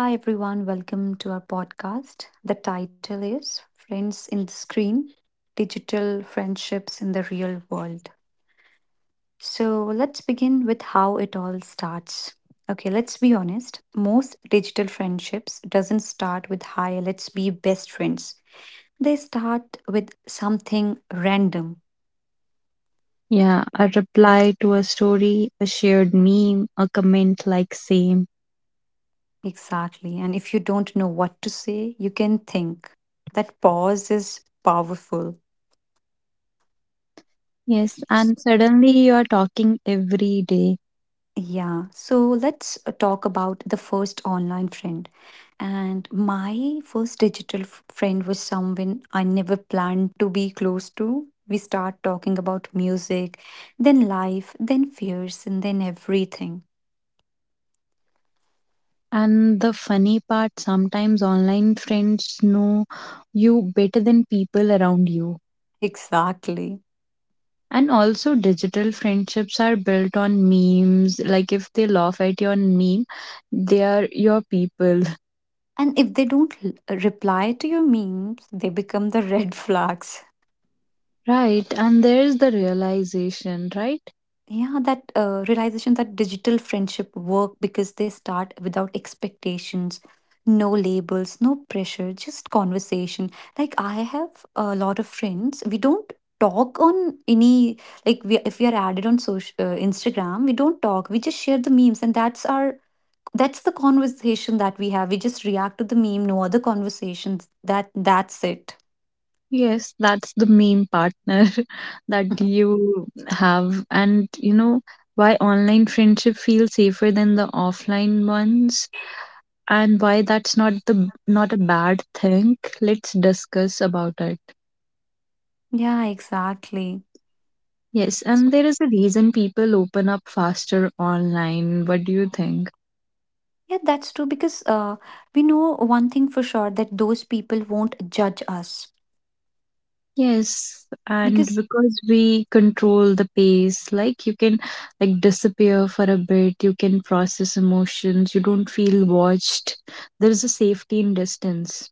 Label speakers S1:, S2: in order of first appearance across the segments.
S1: Hi, everyone. Welcome to our podcast. The title is Friends in the Screen Digital Friendships in the Real World. So, let's begin with how it all starts. Okay, let's be honest. Most digital friendships doesn't start with hi, let's be best friends. They start with something random.
S2: Yeah, a reply to a story, a shared meme, a comment like same.
S1: Exactly. And if you don't know what to say, you can think. That pause is powerful.
S2: Yes, and suddenly you are talking every day.
S1: Yeah, so let's talk about the first online friend. And my first friend was someone I never planned to be close to. We start talking about music, then life, then fears, and then everything.
S2: And the funny part, sometimes online friends know you better than people around you.
S1: Exactly.
S2: And also, digital friendships are built on memes. Like, if they laugh at your meme, they are your people,
S1: And if they don't l- reply to your memes, they become the red flags.
S2: right? And there is the realization, right?
S1: Yeah, that realization that digital friendship work because they start without expectations, no labels, no pressure, just conversation. Like I have a lot of friends. We don't talk on any like we if we are added on social Instagram, we don't talk. We just share the memes, and that's the conversation that we have. We just react to the meme. No other conversations. That's it.
S2: Yes, that's the meme partner that you have. And you know why online friendship feels safer than the offline ones and why that's not a bad thing. Let's discuss about it.
S1: Yeah, exactly.
S2: Yes, and there is a reason people open up faster online. What do you think?
S1: Yeah, that's true because we know one thing for sure that those people won't judge us.
S2: Yes, and
S1: Because
S2: because we control the pace, like you can like disappear for a bit, you can process emotions, you don't feel watched. There is a safety in distance.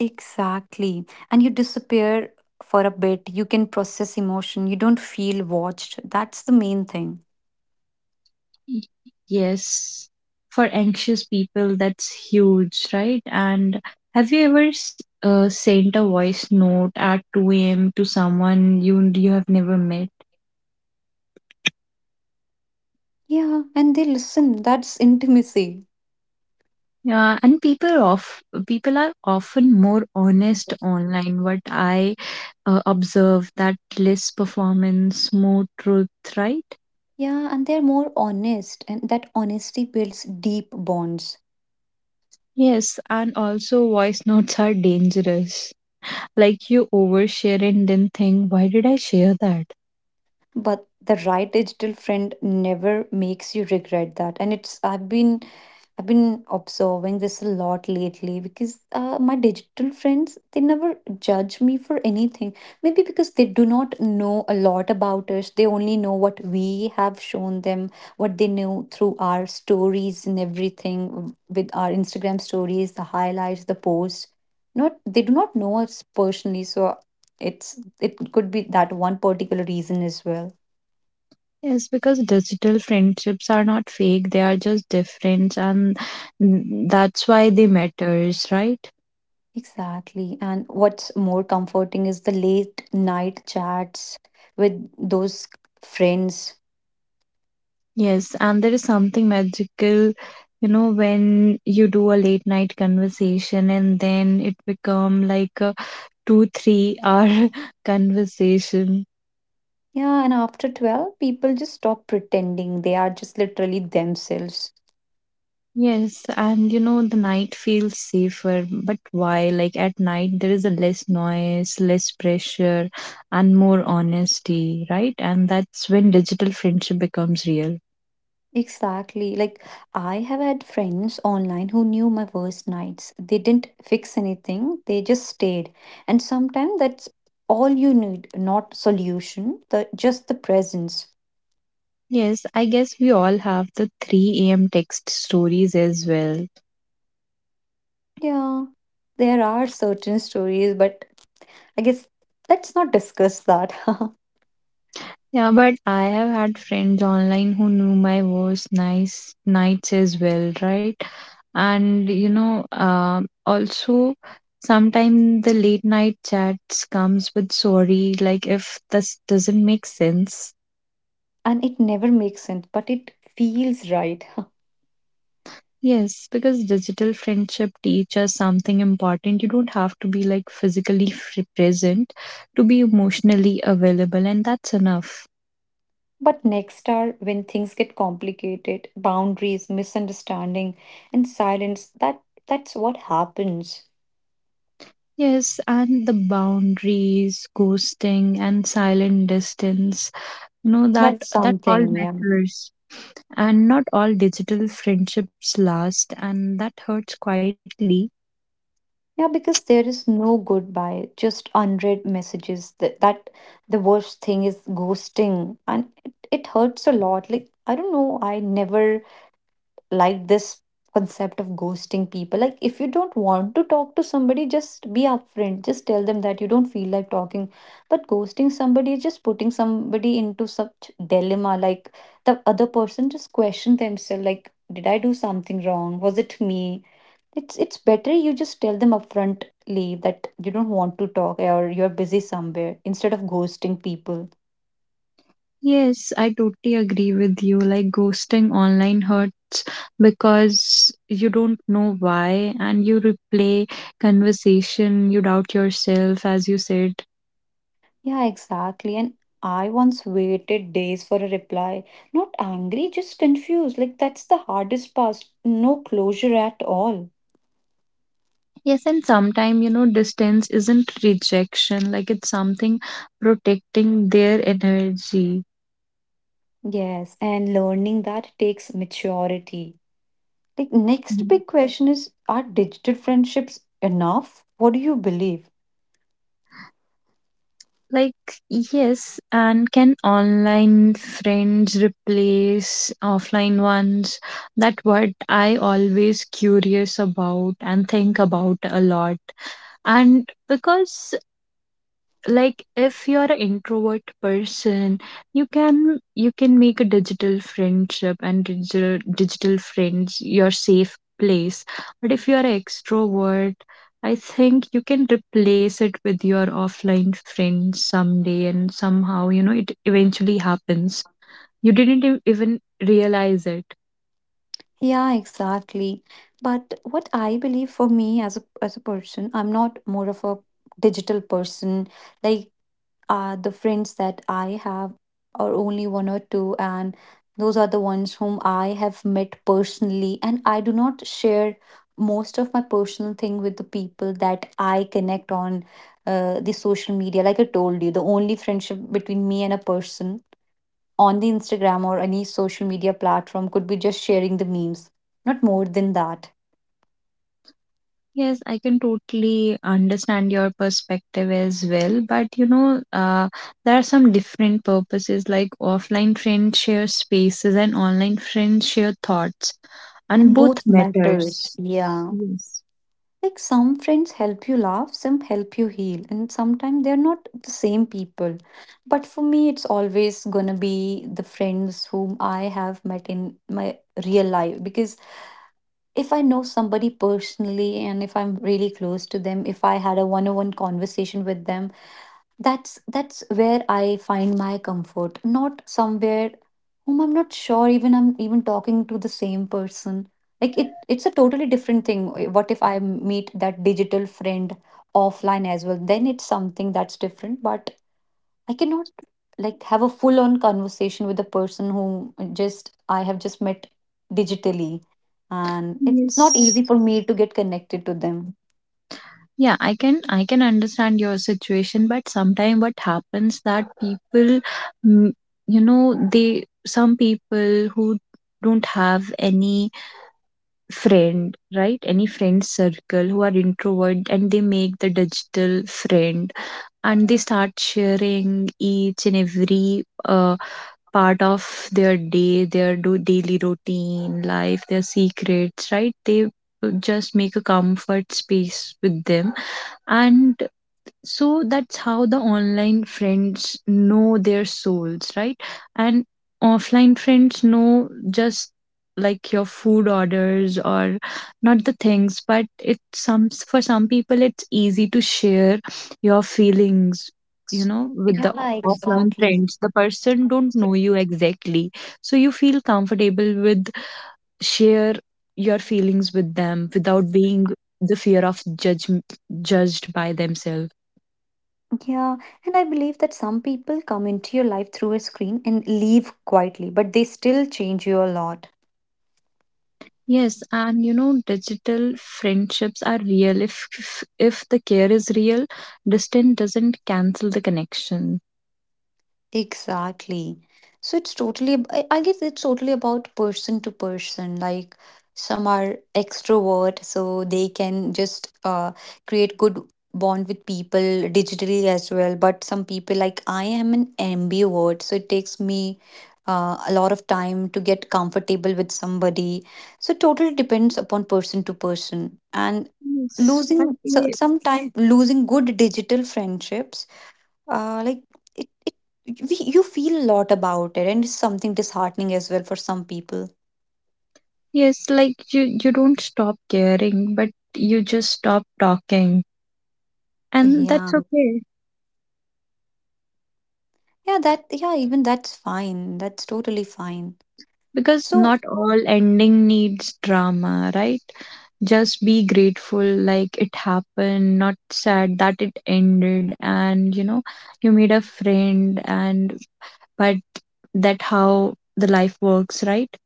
S1: exactly. And you disappear for a bit, you can process emotion, you don't feel watched. That's the main thing.
S2: Y- Yes, for anxious people, that's huge, right? And have you ever sent a voice note at 2 a.m. to someone you have never met?
S1: Yeah, and they listen. That's intimacy.
S2: Yeah, and people are often more honest online. What I observe that less performance, more truth, right?
S1: Yeah, and they're more honest, and that honesty builds deep bonds.
S2: Yes, and also voice notes are dangerous. Like you overshare and then think, why did I share that?
S1: But the right digital friend never makes you regret that, and it's I've been observing this a lot lately because my digital friends, they never judge me for anything, maybe because they do not know a lot about us. They only know what we have shown them, what they know through our stories and everything, with our Instagram stories, the highlights, the posts. Not, they do not know us personally, so it could be that one particular reason as well.
S2: Yes, because digital friendships are not fake, they are just different, and that's why they matters, right?
S1: Exactly. And what's more comforting is the late night chats with those friends.
S2: Yes, and there is something magical, you know, when you do a late night conversation and then it become like a 2, 3 hour conversation.
S1: Yeah, and after 12, people just stop pretending. They are just literally themselves.
S2: Yes, and you know, the night feels safer, but why? Like at night, there is a less noise, less pressure, and more honesty, right? And that's when digital friendship becomes real.
S1: Exactly. Like, I have had friends online who knew my worst nights. They didn't fix anything, they just stayed. And sometimes that's all you need, not solution, just the presence.
S2: Yes, I guess we all have the 3 a.m. text stories as well.
S1: Yeah, there are certain stories, but I guess let's not discuss that.
S2: Yeah, but I have had friends online who knew my worst nice nights as well, right? And you know, also sometimes the late night chats comes with sorry, like if this doesn't make sense.
S1: And it never makes sense, but it feels right.
S2: Yes, because digital friendship teaches something important. You don't have to be like physically present to be emotionally available, and that's enough.
S1: But next are when things get complicated, boundaries, misunderstanding, and silence. That's what happens.
S2: Yes, and the boundaries, ghosting, and silent distance, you know, that
S1: That's
S2: that all
S1: something, yeah.
S2: matters. And not all digital friendships last, and that hurts quietly.
S1: Yeah, because there is no goodbye, just unread messages. That, that The worst thing is ghosting, and it hurts a lot. Like I don't know, I never like this concept of ghosting people. Like, if you don't want to talk to somebody, just be upfront. Just tell them that you don't feel like talking. But ghosting somebody is just putting somebody into such dilemma. Like, the other person just question themselves, like, did I do something wrong? Was it me? It's better you just tell them upfrontly that you don't want to talk or you're busy somewhere instead of ghosting people.
S2: Yes, I totally agree with you. Like ghosting online hurt because you don't know why, and you replay conversation, you doubt yourself, as you said.
S1: Yeah, exactly. And I once waited days for a reply. Not angry, just confused. Like, that's the hardest part. No closure at all.
S2: Yes, and sometimes, you know, distance isn't rejection, like it's something protecting their energy.
S1: Yes, and learning that takes maturity. Like, next
S2: Mhm.
S1: big question is, are digital friendships enough? What do you believe?
S2: Like, yes, and can online friends replace offline ones? That what I always curious about and think about a lot. And because like if you're an introvert person you can make a digital friendship and digital friends your safe place, but if you're an extrovert, I think you can replace it with your offline friends someday and somehow, you know, it eventually happens. You didn't even realize it.
S1: Yeah, exactly. But what I believe for me as a person, I'm not more of a digital person. Like the friends that I have are only one or two, and those are the ones whom I have met personally. And I do not share most of my personal thing with the people that I connect on the social media. Like I told you, the only friendship between me and a person on the Instagram or any social media platform could be just sharing the memes, not more than that.
S2: Yes, I can totally understand your perspective as well. But you know, there are some different purposes like offline friends share spaces and online friends share thoughts, and
S1: And
S2: both
S1: both matters.
S2: matters.
S1: Yeah.
S2: Yes.
S1: Like some friends help you laugh, some help you heal, and sometimes they're not the same people. But for me, it's always gonna be the friends whom I have met in my real life. Because if I know somebody personally and if I'm really close to them, if I had a one on one conversation with them, that's where I find my comfort, not somewhere whom I'm not sure even I'm even talking to the same person. Like it's a totally different thing. Eh, what if I meet that digital friend offline as well? Then it's something that's different, but I cannot like have a full on conversation with the person who just I have just met digitally. And it's not
S2: Yes.
S1: easy for me to get connected to them.
S2: Yeah, I can understand your situation, but sometimes what happens that people, mm, you know, they some people who don't have any friend, right? Any friend circle who are introvert, and they make the digital friend, and they start sharing each and every part of their day, their daily routine, life, their secrets, right? They just make a comfort space with them, and so that's how the online friends know their souls, right? And offline friends know just like your food orders or not the things, but it's some, for some people it's easy to share your feelings, you know, with the
S1: Yeah,
S2: offline
S1: exactly.
S2: friends the person don't know you exactly, so you feel comfortable with share your feelings with them without being the fear of judged by themselves.
S1: Yeah, and I believe that some people come into your life through a screen and leave quietly, but they still change you a lot.
S2: Yes, and you know, digital friendships are real. If the care is real, distance doesn't cancel the connection.
S1: Exactly. So it's I guess it's totally about person to person. Like some are extrovert, so they can just create good bond with people digitally as well. But some people, like I am an ambivert, so it takes me a lot of time to get comfortable with somebody. So it totally depends upon person to person. And
S2: Yes, but
S1: losing, so
S2: they.
S1: sometime losing good digital friendships like it, it you feel a lot about it, and it's something disheartening as well for some people.
S2: Yes, like you don't stop caring, but you just stop talking, and
S1: Yeah.
S2: that's okay
S1: yeah that Yeah, even that's fine, that's totally fine.
S2: because
S1: So
S2: not all ending needs drama, right? Just be grateful, like it happened, not sad that it ended, and you know, you made a friend, and but that how the life works, right?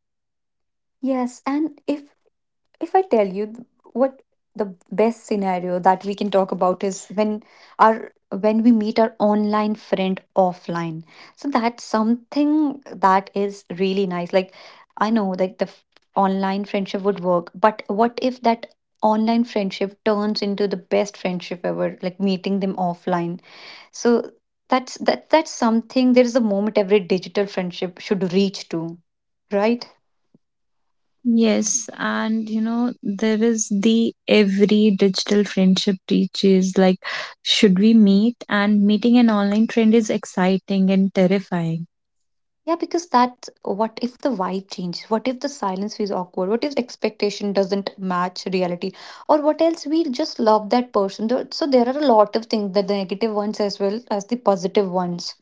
S1: yes, and if I tell you th- what the best scenario that we can talk about is when our when we meet our online friend offline. So that's something that is really nice. Like I know like online friendship would work, but what if that online friendship turns into the best friendship ever, like meeting them offline? So that's something. There is a moment every digital friendship should reach to, right?
S2: Yes, and you know, there is the every digital friendship teaches like should we meet, and meeting an online friend is exciting and terrifying.
S1: Yeah, because that what if the vibe changes? What if the silence feels awkward? What if expectation doesn't match reality? Or what else, we just love that person? So there are a lot of things, the negative ones as well as the positive ones.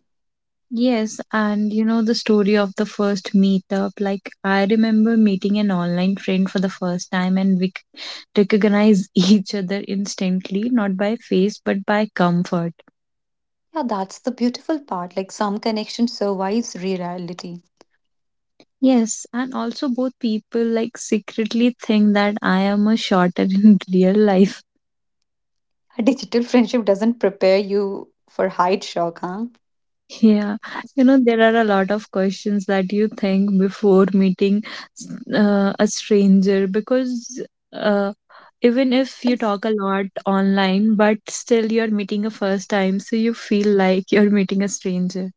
S2: Yes, and you know, the story of the first meetup, like I remember meeting an online friend for the first time, and we recognize each other instantly, not by face but by comfort.
S1: Yeah, that's the beautiful part. Like some connection survives reality.
S2: Yes, and also both people like secretly think that I am a shorter in real life.
S1: A digital friendship doesn't prepare you for height shock,
S2: Yeah,
S1: huh?
S2: you know, there are a lot of questions that you think before meeting a stranger because uh, even if you talk a lot online, but still you're meeting a first time, so you feel like you're meeting a stranger.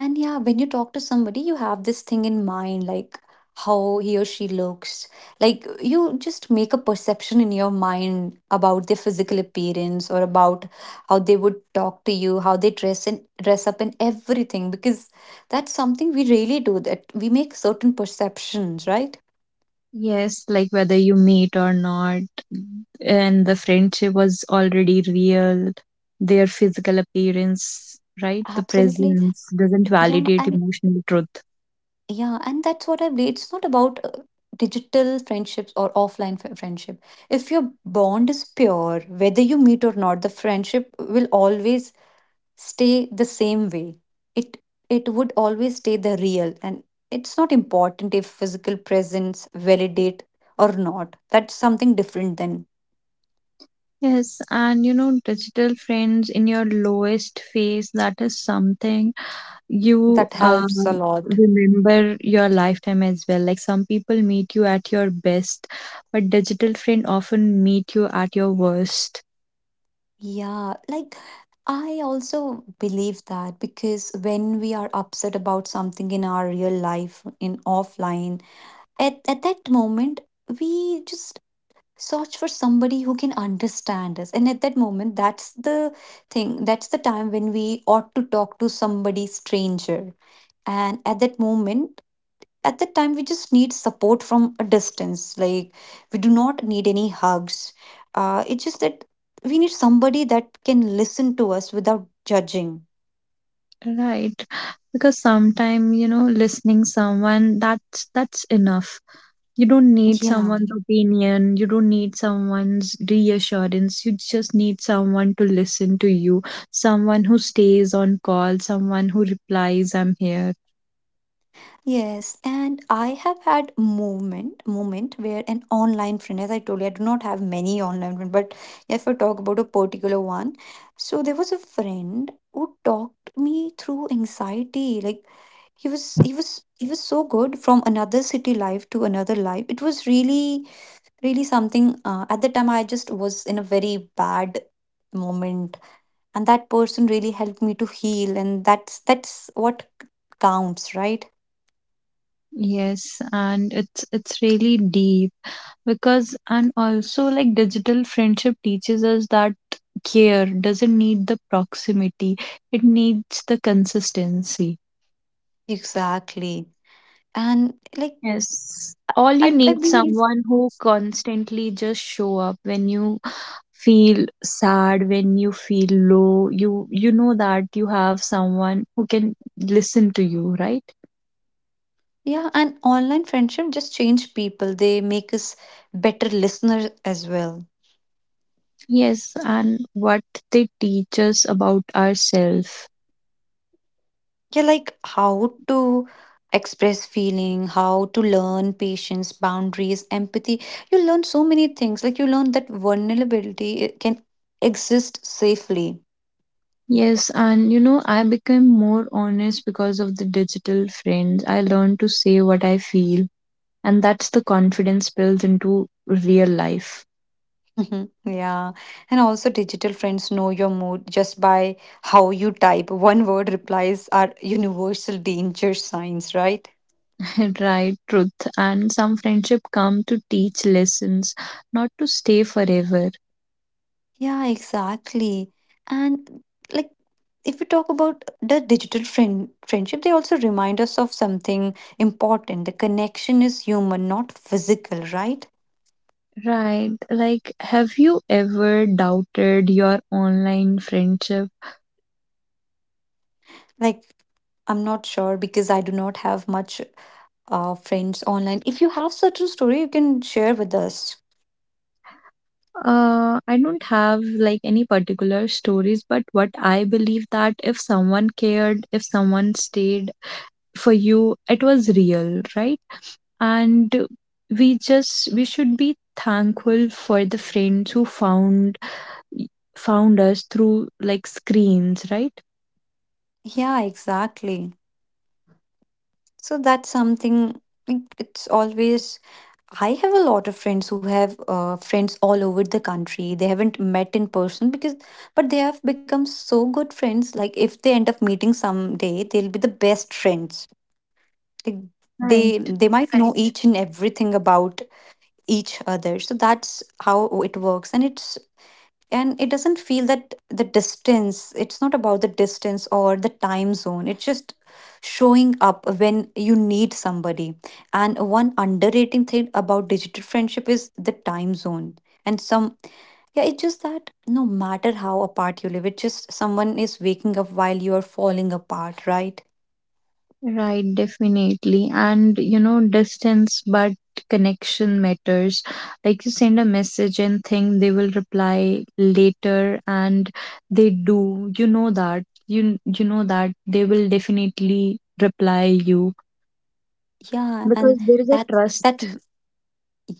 S1: And yeah, when you talk to somebody, you have this thing in mind, like how he or she looks. Like you just make a perception in your mind about their physical appearance or about how they would talk to you, how they dress and dress up and everything, because that's something we really do, that we make certain perceptions, right?
S2: Yes, like whether you meet or not, and the friendship was already real, their physical appearance, right? The
S1: Absolutely.
S2: presence doesn't
S1: Yeah,
S2: validate
S1: and
S2: emotional truth.
S1: Yeah, and that's what I believe. It's not about digital friendships or friendship. If your bond is pure, whether you meet or not, the friendship will always stay the same way. It it would always stay the real, and it's not important if physical presence validate or not. That's something different. Then
S2: Yes, and you know, digital friends in your lowest phase, that is something you
S1: that helps a lot.
S2: remember your lifetime as well. Like some people meet you at your best, but digital friend often meet you at your worst.
S1: Yeah, like I also believe that, because when we are upset about something in our real life, in offline, at that moment, we just search for somebody who can understand us. And at that moment, that's the thing, that's the time when we ought to talk to somebody stranger. And at that moment, at that time, we just need support from a distance. Like we do not need any hugs, it's just that we need somebody that can listen to us without judging.
S2: Right. Because sometimes, you know, listening someone, that's enough. You don't need
S1: Yeah.
S2: someone's opinion, you don't need someone's reassurance. You just need someone to listen to you, someone who stays on call, someone who replies, I'm here.
S1: Yes, and I have had moment where an online friend, as I told you, I do not have many online friends, but if I talk about a particular one, so there was a friend who talked me through anxiety. Like he was so good, from another city life to another life. It was really really something. At the time, I just was in a very bad moment, and that person really helped me to heal, and that's what counts, right?
S2: Yes, and it's really deep because and also like digital friendship teaches us that care doesn't need the proximity, it needs the consistency.
S1: Exactly. And like
S2: Yes. All you
S1: I
S2: need
S1: believe
S2: someone who constantly just show up when you feel sad, when you feel low. You know that you have someone who can listen to you, right?
S1: yeah, and online friendship just change people. They make us better listeners as well.
S2: Yes, and what they teach us about ourselves.
S1: Yeah, like how to express feeling, how to learn patience, boundaries, empathy. You learn so many things. Like you learn that vulnerability can exist safely.
S2: Yes, and you know, I became more honest because of the digital friends. I learned to say what I feel, and that's the confidence built into real life.
S1: Mhm. Yeah. And also digital friends know your mood just by how you type. One word replies are universal danger signs, right?
S2: Right, truth. And some friendship come to teach lessons, not to stay forever.
S1: Yeah, exactly. And like if we talk about the digital friend friendship, they also remind us of something important. The connection is human, not physical, right?
S2: Right. Like, have you ever doubted your online friendship?
S1: Like I'm not sure because I do not have much friends online. If you have certain story, you can share with us.
S2: I don't have like any particular stories, but what I believe that if someone cared, if someone stayed for you, it was real, right? And we should be thankful for the friends who found us through like screens, right?
S1: Yeah, exactly. So that's something like, it's always I have a lot of friends who have friends all over the country. They haven't met in person, because but they have become so good friends. Like if they end up meeting someday, they'll be the best friends. Like they
S2: Right,
S1: they might know, right, each and everything about each other. So that's how it works, and it doesn't feel that the distance, it's not about the distance or the time zone, it's just showing up when you need somebody. And one underrated thing about digital friendship is the time zone, and some, yeah, it's just that no matter how apart you live, it's just someone is waking up while you are falling apart, right?
S2: right, definitely. And you know, distance but connection matters. Like you send a message and think they will reply later, and they do. You know that. You know that they will definitely reply you
S1: Yeah, and
S2: because there is a
S1: that that
S2: trust,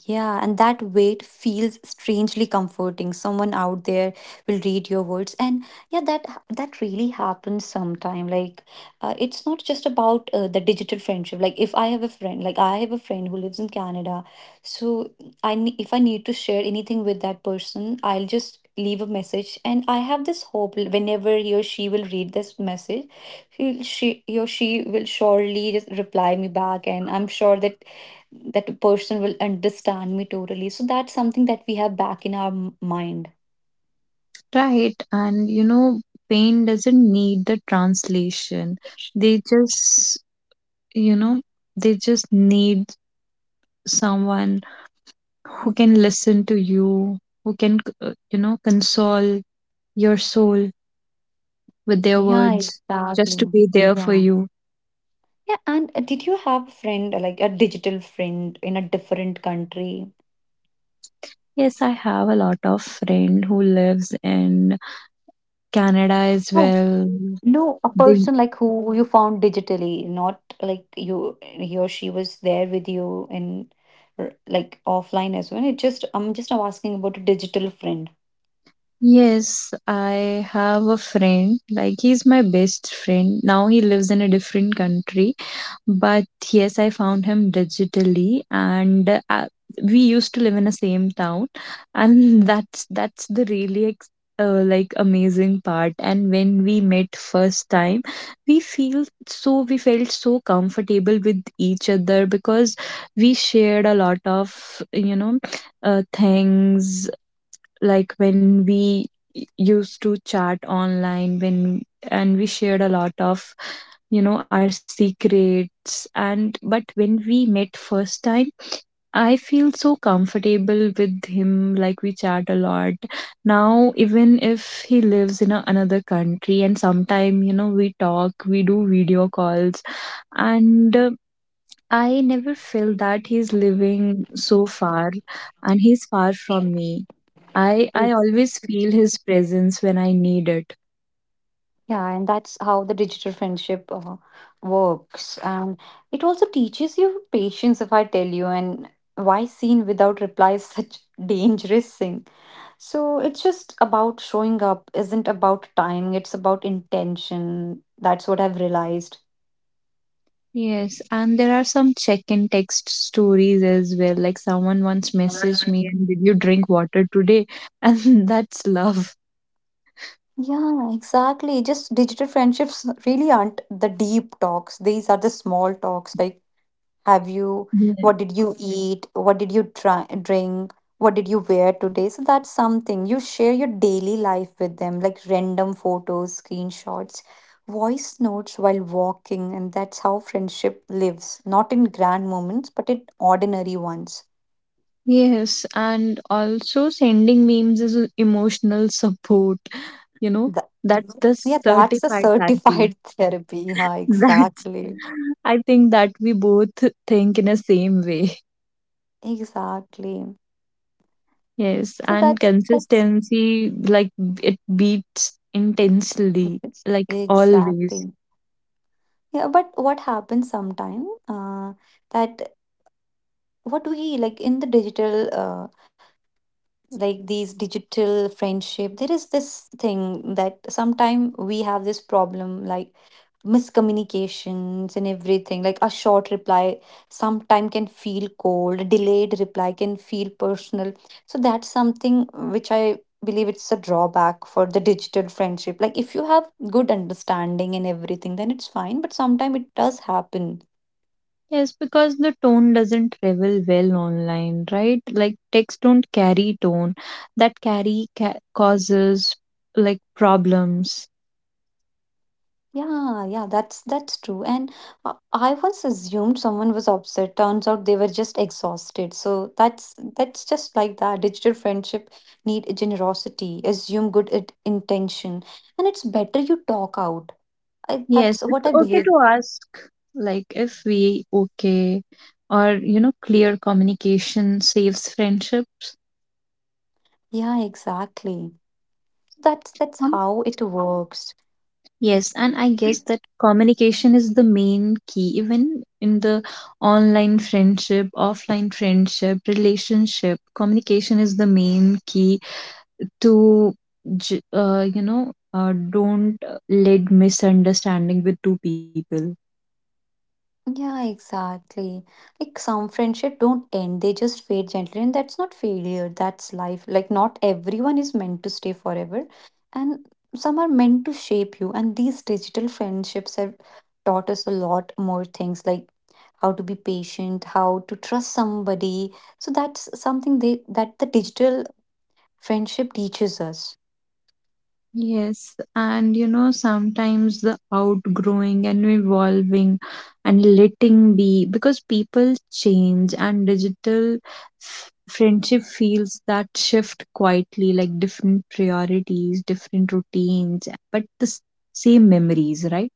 S1: yeah, and that weight feels strangely comforting. Someone out there will read your words, and yeah, that that really happens sometime. Like, it's not just about the digital friendship. Like, if I have a friend, like I have a friend who lives in Canada, so if I need to share anything with that person, I'll just leave a message, and I have this hope. Whenever he or she will read this message, he or she will surely just reply me back, and I'm sure that that person will understand me totally. So that's something that we have back in our mind.
S2: right? And you know, pain doesn't need the translation. They just, you know, they just need someone who can listen to you, who can, you know, console your soul with their
S1: Yeah,
S2: words, just to
S1: exactly.
S2: be there for
S1: Yeah.
S2: you.
S1: Yeah, and did you have a friend, like a digital friend in a different country?
S2: Yes, I have a lot of friend who lives in Canada as
S1: No,
S2: well.
S1: no, a
S2: They
S1: person like who you found digitally, not like you, he or she was there with you in like offline as well. It just, I'm just asking about a digital friend.
S2: yes, I have a friend, like he's my best friend. Now he lives in a different country, but yes, I found him digitally, and we used to live in the same town and that's the really like amazing part, and when we met first time, we felt so comfortable with each other because we shared a lot of, you know, things, like when we used to chat online when and we shared a lot of, you know, our secrets, and but when we met first time I feel so comfortable with him, like we chat a lot. Now, even if he lives in another country, and sometime, you know, we talk, we do video calls, and I never felt that he's living so far and he's far from me. I always feel his presence when I need it.
S1: Yeah, and that's how the digital friendship works. And it also teaches you patience, if I tell you, and why seen without reply is such dangerous thing. So it's just about showing up, isn't about time, it's about intention. That's what I've realized.
S2: Yes, and there are some check in text stories as well. Like someone once messaged me and did you drink water today? And that's love.
S1: Yeah, exactly. Just digital friendships really aren't the deep talks. These are the small talks, like have you,
S2: Yeah.
S1: what did you eat, what did you try, drink, what did you wear today? So that's something, you share your daily life with them, like random photos, screenshots, voice notes while walking. And that's how friendship lives, not in grand moments but in ordinary ones.
S2: Yes, and also sending memes is emotional support, you know,
S1: Th-
S2: that's the
S1: yeah, that's a
S2: certified therapy.
S1: certified therapy, yeah,
S2: That
S1: exactly.
S2: I think that we both think in a same way.
S1: Exactly,
S2: Yes,
S1: so
S2: and
S1: that's
S2: consistency like it beats intensely,
S1: mhm,
S2: like always.
S1: exactly. Yeah, but what happens sometime, that what we like in the digital, like these digital friendship, there is this thing that sometime we have this problem, like miscommunications and everything. Like a short reply sometime can feel cold, delayed reply can feel personal. So that's something which I believe it's a drawback for the digital friendship. Like if you have good understanding and everything, then it's fine, but sometime it does happen.
S2: Yes, because the tone doesn't travel well online, right? Like texts don't carry tone that carry causes like problems.
S1: Yeah, yeah, that's true. And I once assumed someone was upset. Turns out they were just exhausted. So that's just like that. Digital friendship need generosity, assume good it, intention, and it's better you talk out. I,
S2: Yes,
S1: that's what I,
S2: it's
S1: yeah,
S2: okay
S1: believe.
S2: to ask like if we okay, or you know, clear communication saves friendships.
S1: Yeah, exactly. That's how it works.
S2: Yes, and I guess that communication is the main key, even in the online friendship, offline friendship, relationship. Communication is the main key to, you know, don't let misunderstanding with two people.
S1: Yeah, exactly. Like some friendship don't end, they just fade gently. And that's not failure, that's life. Like not everyone is meant to stay forever. And some are meant to shape you. And these digital friendships have taught us a lot more things, like how to be patient, how to trust somebody. So that's something they that the digital friendship teaches us.
S2: Yes, and you know, sometimes the outgrowing and evolving and letting be because people change, and digital friendship feels that shift quietly, like different priorities, different routines, but the same memories, right?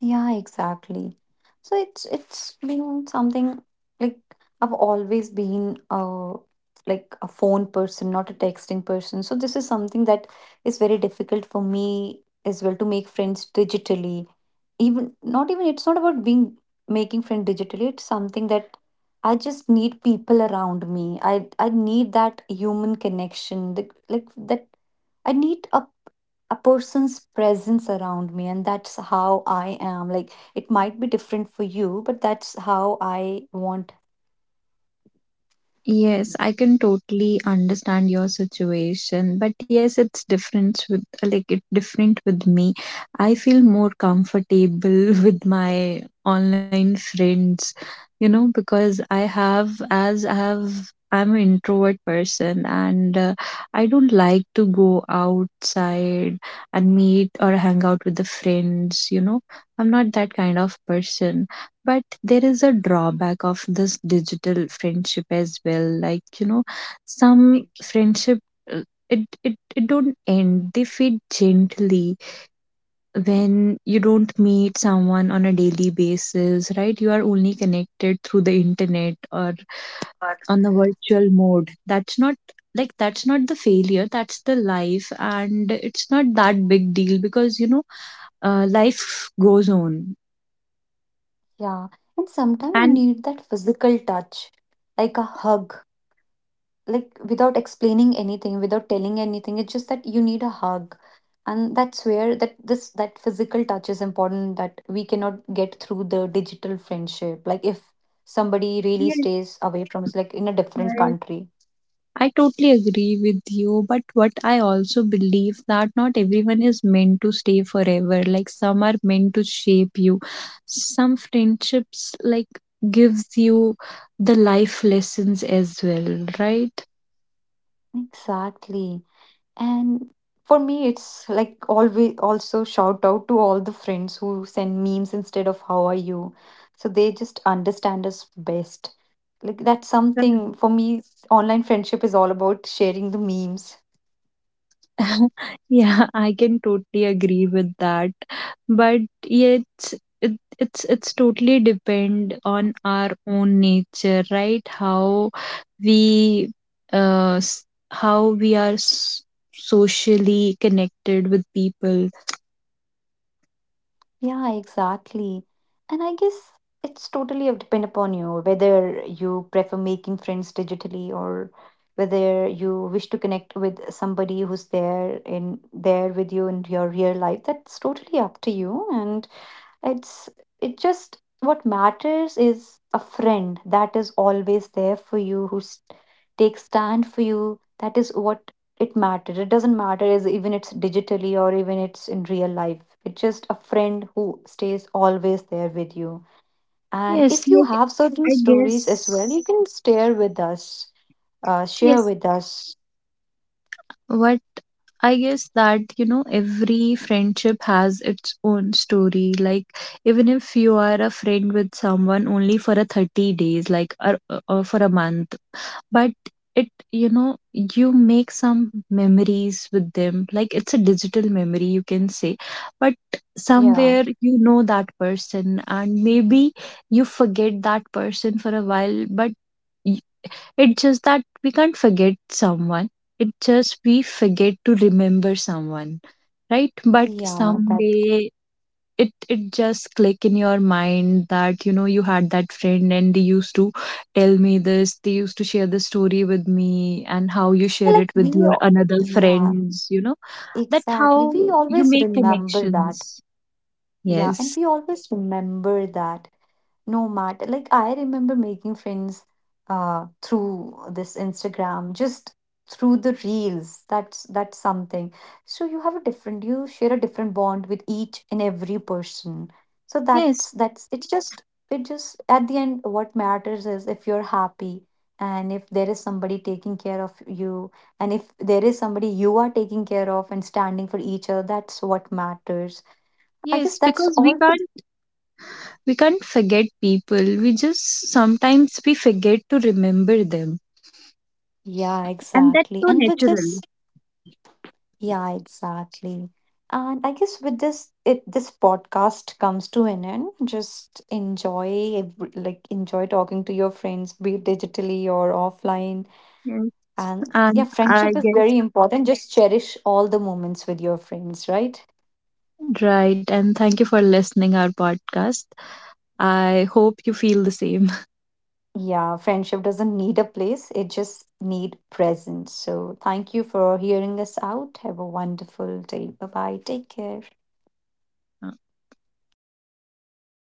S1: Yeah, exactly. So it's been something like I've always been like a phone person, not a texting person. So this is something that is very difficult for me as well to make friends digitally. Even not even it's not about being making friend digitally. It's something that I just need people around me. I need that human connection, the, like that I need a person's presence around me, and that's how I am. Like it might be different for you, but that's how I want.
S2: Yes, I can totally understand your situation, but yes, it's different with, like it different with me. I feel more comfortable with my online friends, you know, because I have as I have I'm an introvert person, and I don't like to go outside and meet or hang out with the friends, you know. I'm not that kind of person, but there is a drawback of this digital friendship as well, like you know, some friendship uh, it don't end, they fade gently when you don't meet someone on a daily basis, right? You are only connected through the internet or on the virtual mode. That's not, like that's not the failure, that's the life, and it's not that big deal because you know, life goes on,
S1: Yeah. And sometimes you
S2: and
S1: need that physical touch, like a hug. Like without explaining anything, without telling anything. It's just that you need a hug. And that's where that this that physical touch is important, that we cannot get through the digital friendship. Like if somebody really
S2: yes,
S1: stays away from us, like in a different country.
S2: I totally agree with you, but what I also believe that not everyone is meant to stay forever. Like some are meant to shape you. Some friendships like gives you the life lessons as well, right?
S1: Exactly. And for me, it's like always also shout out to all the friends who send memes instead of how are you. So they just understand us best. Like that's something for me, online friendship is all about sharing the memes.
S2: Yeah, I can totally agree with that. But yet it's totally depend on our own nature, right? How we uh s- how we are socially connected with people.
S1: Yeah, exactly. And I guess it's totally depend upon you whether you prefer making friends digitally or whether you wish to connect with somebody who's there in there with you in your real life. That's totally up to you. And it's it just what matters is a friend that is always there for you, who takes stand for you. That is what it matters. It doesn't matter is even it's digitally or even it's in real life. It's just a friend who stays always there with you. And
S2: Yes,
S1: if you
S2: like
S1: have certain
S2: I
S1: stories as well,
S2: guess
S1: you can share with us. Share
S2: yes
S1: with us.
S2: what I guess that, you know, every friendship has its own story. Like, even if you are a friend with someone only for a 30 days, like, or for a month, but it, you know, you make some memories with them. Like, it's a digital memory, you can say. But
S1: Yeah,
S2: somewhere you know that person, and maybe you forget that person for a while, but it's just that we can't forget someone. It's just we forget to remember someone, right? But
S1: yeah. That
S2: someday it just click in your mind that you know you had that friend, and they used to tell me this. They used to share the story with me and how you share
S1: like
S2: it with
S1: we.
S2: your
S1: al-
S2: another
S1: yeah,
S2: friends. You know that
S1: exactly.
S2: how
S1: We
S2: you
S1: always
S2: make
S1: remember that.
S2: connections.
S1: Yeah, and
S2: Yes,
S1: we always remember that, no matter, like, I remember making friends through this Instagram, just through the reels. That's something. So you have a different, you share a different bond with each and every person. So that's
S2: yes,
S1: that's it's just it just at the end what matters is if you're happy, and if there is somebody taking care of you, and if there is somebody you are taking care of and standing for each other, that's what matters. I guess
S2: yes.
S1: that's
S2: Because we
S1: all for
S2: can't we can't forget people, we just sometimes we forget to remember them,
S1: yeah,
S2: and that's so
S1: exactly. And with
S2: natural.
S1: this, yeah, exactly. And I guess with this, it this podcast comes to an end. Just enjoy, every- like enjoy talking to your friends, be it digitally or offline.
S2: Yes,
S1: And yeah,
S2: and
S1: friendship
S2: I
S1: is very
S2: guess
S1: important. Just cherish all the moments with your friends, right?
S2: right. And thank you for listening our podcast. I hope you feel the same.
S1: Yeah, friendship doesn't need a place. It just need presence. So thank you for hearing us out. Have a wonderful day. Bye bye. Take care.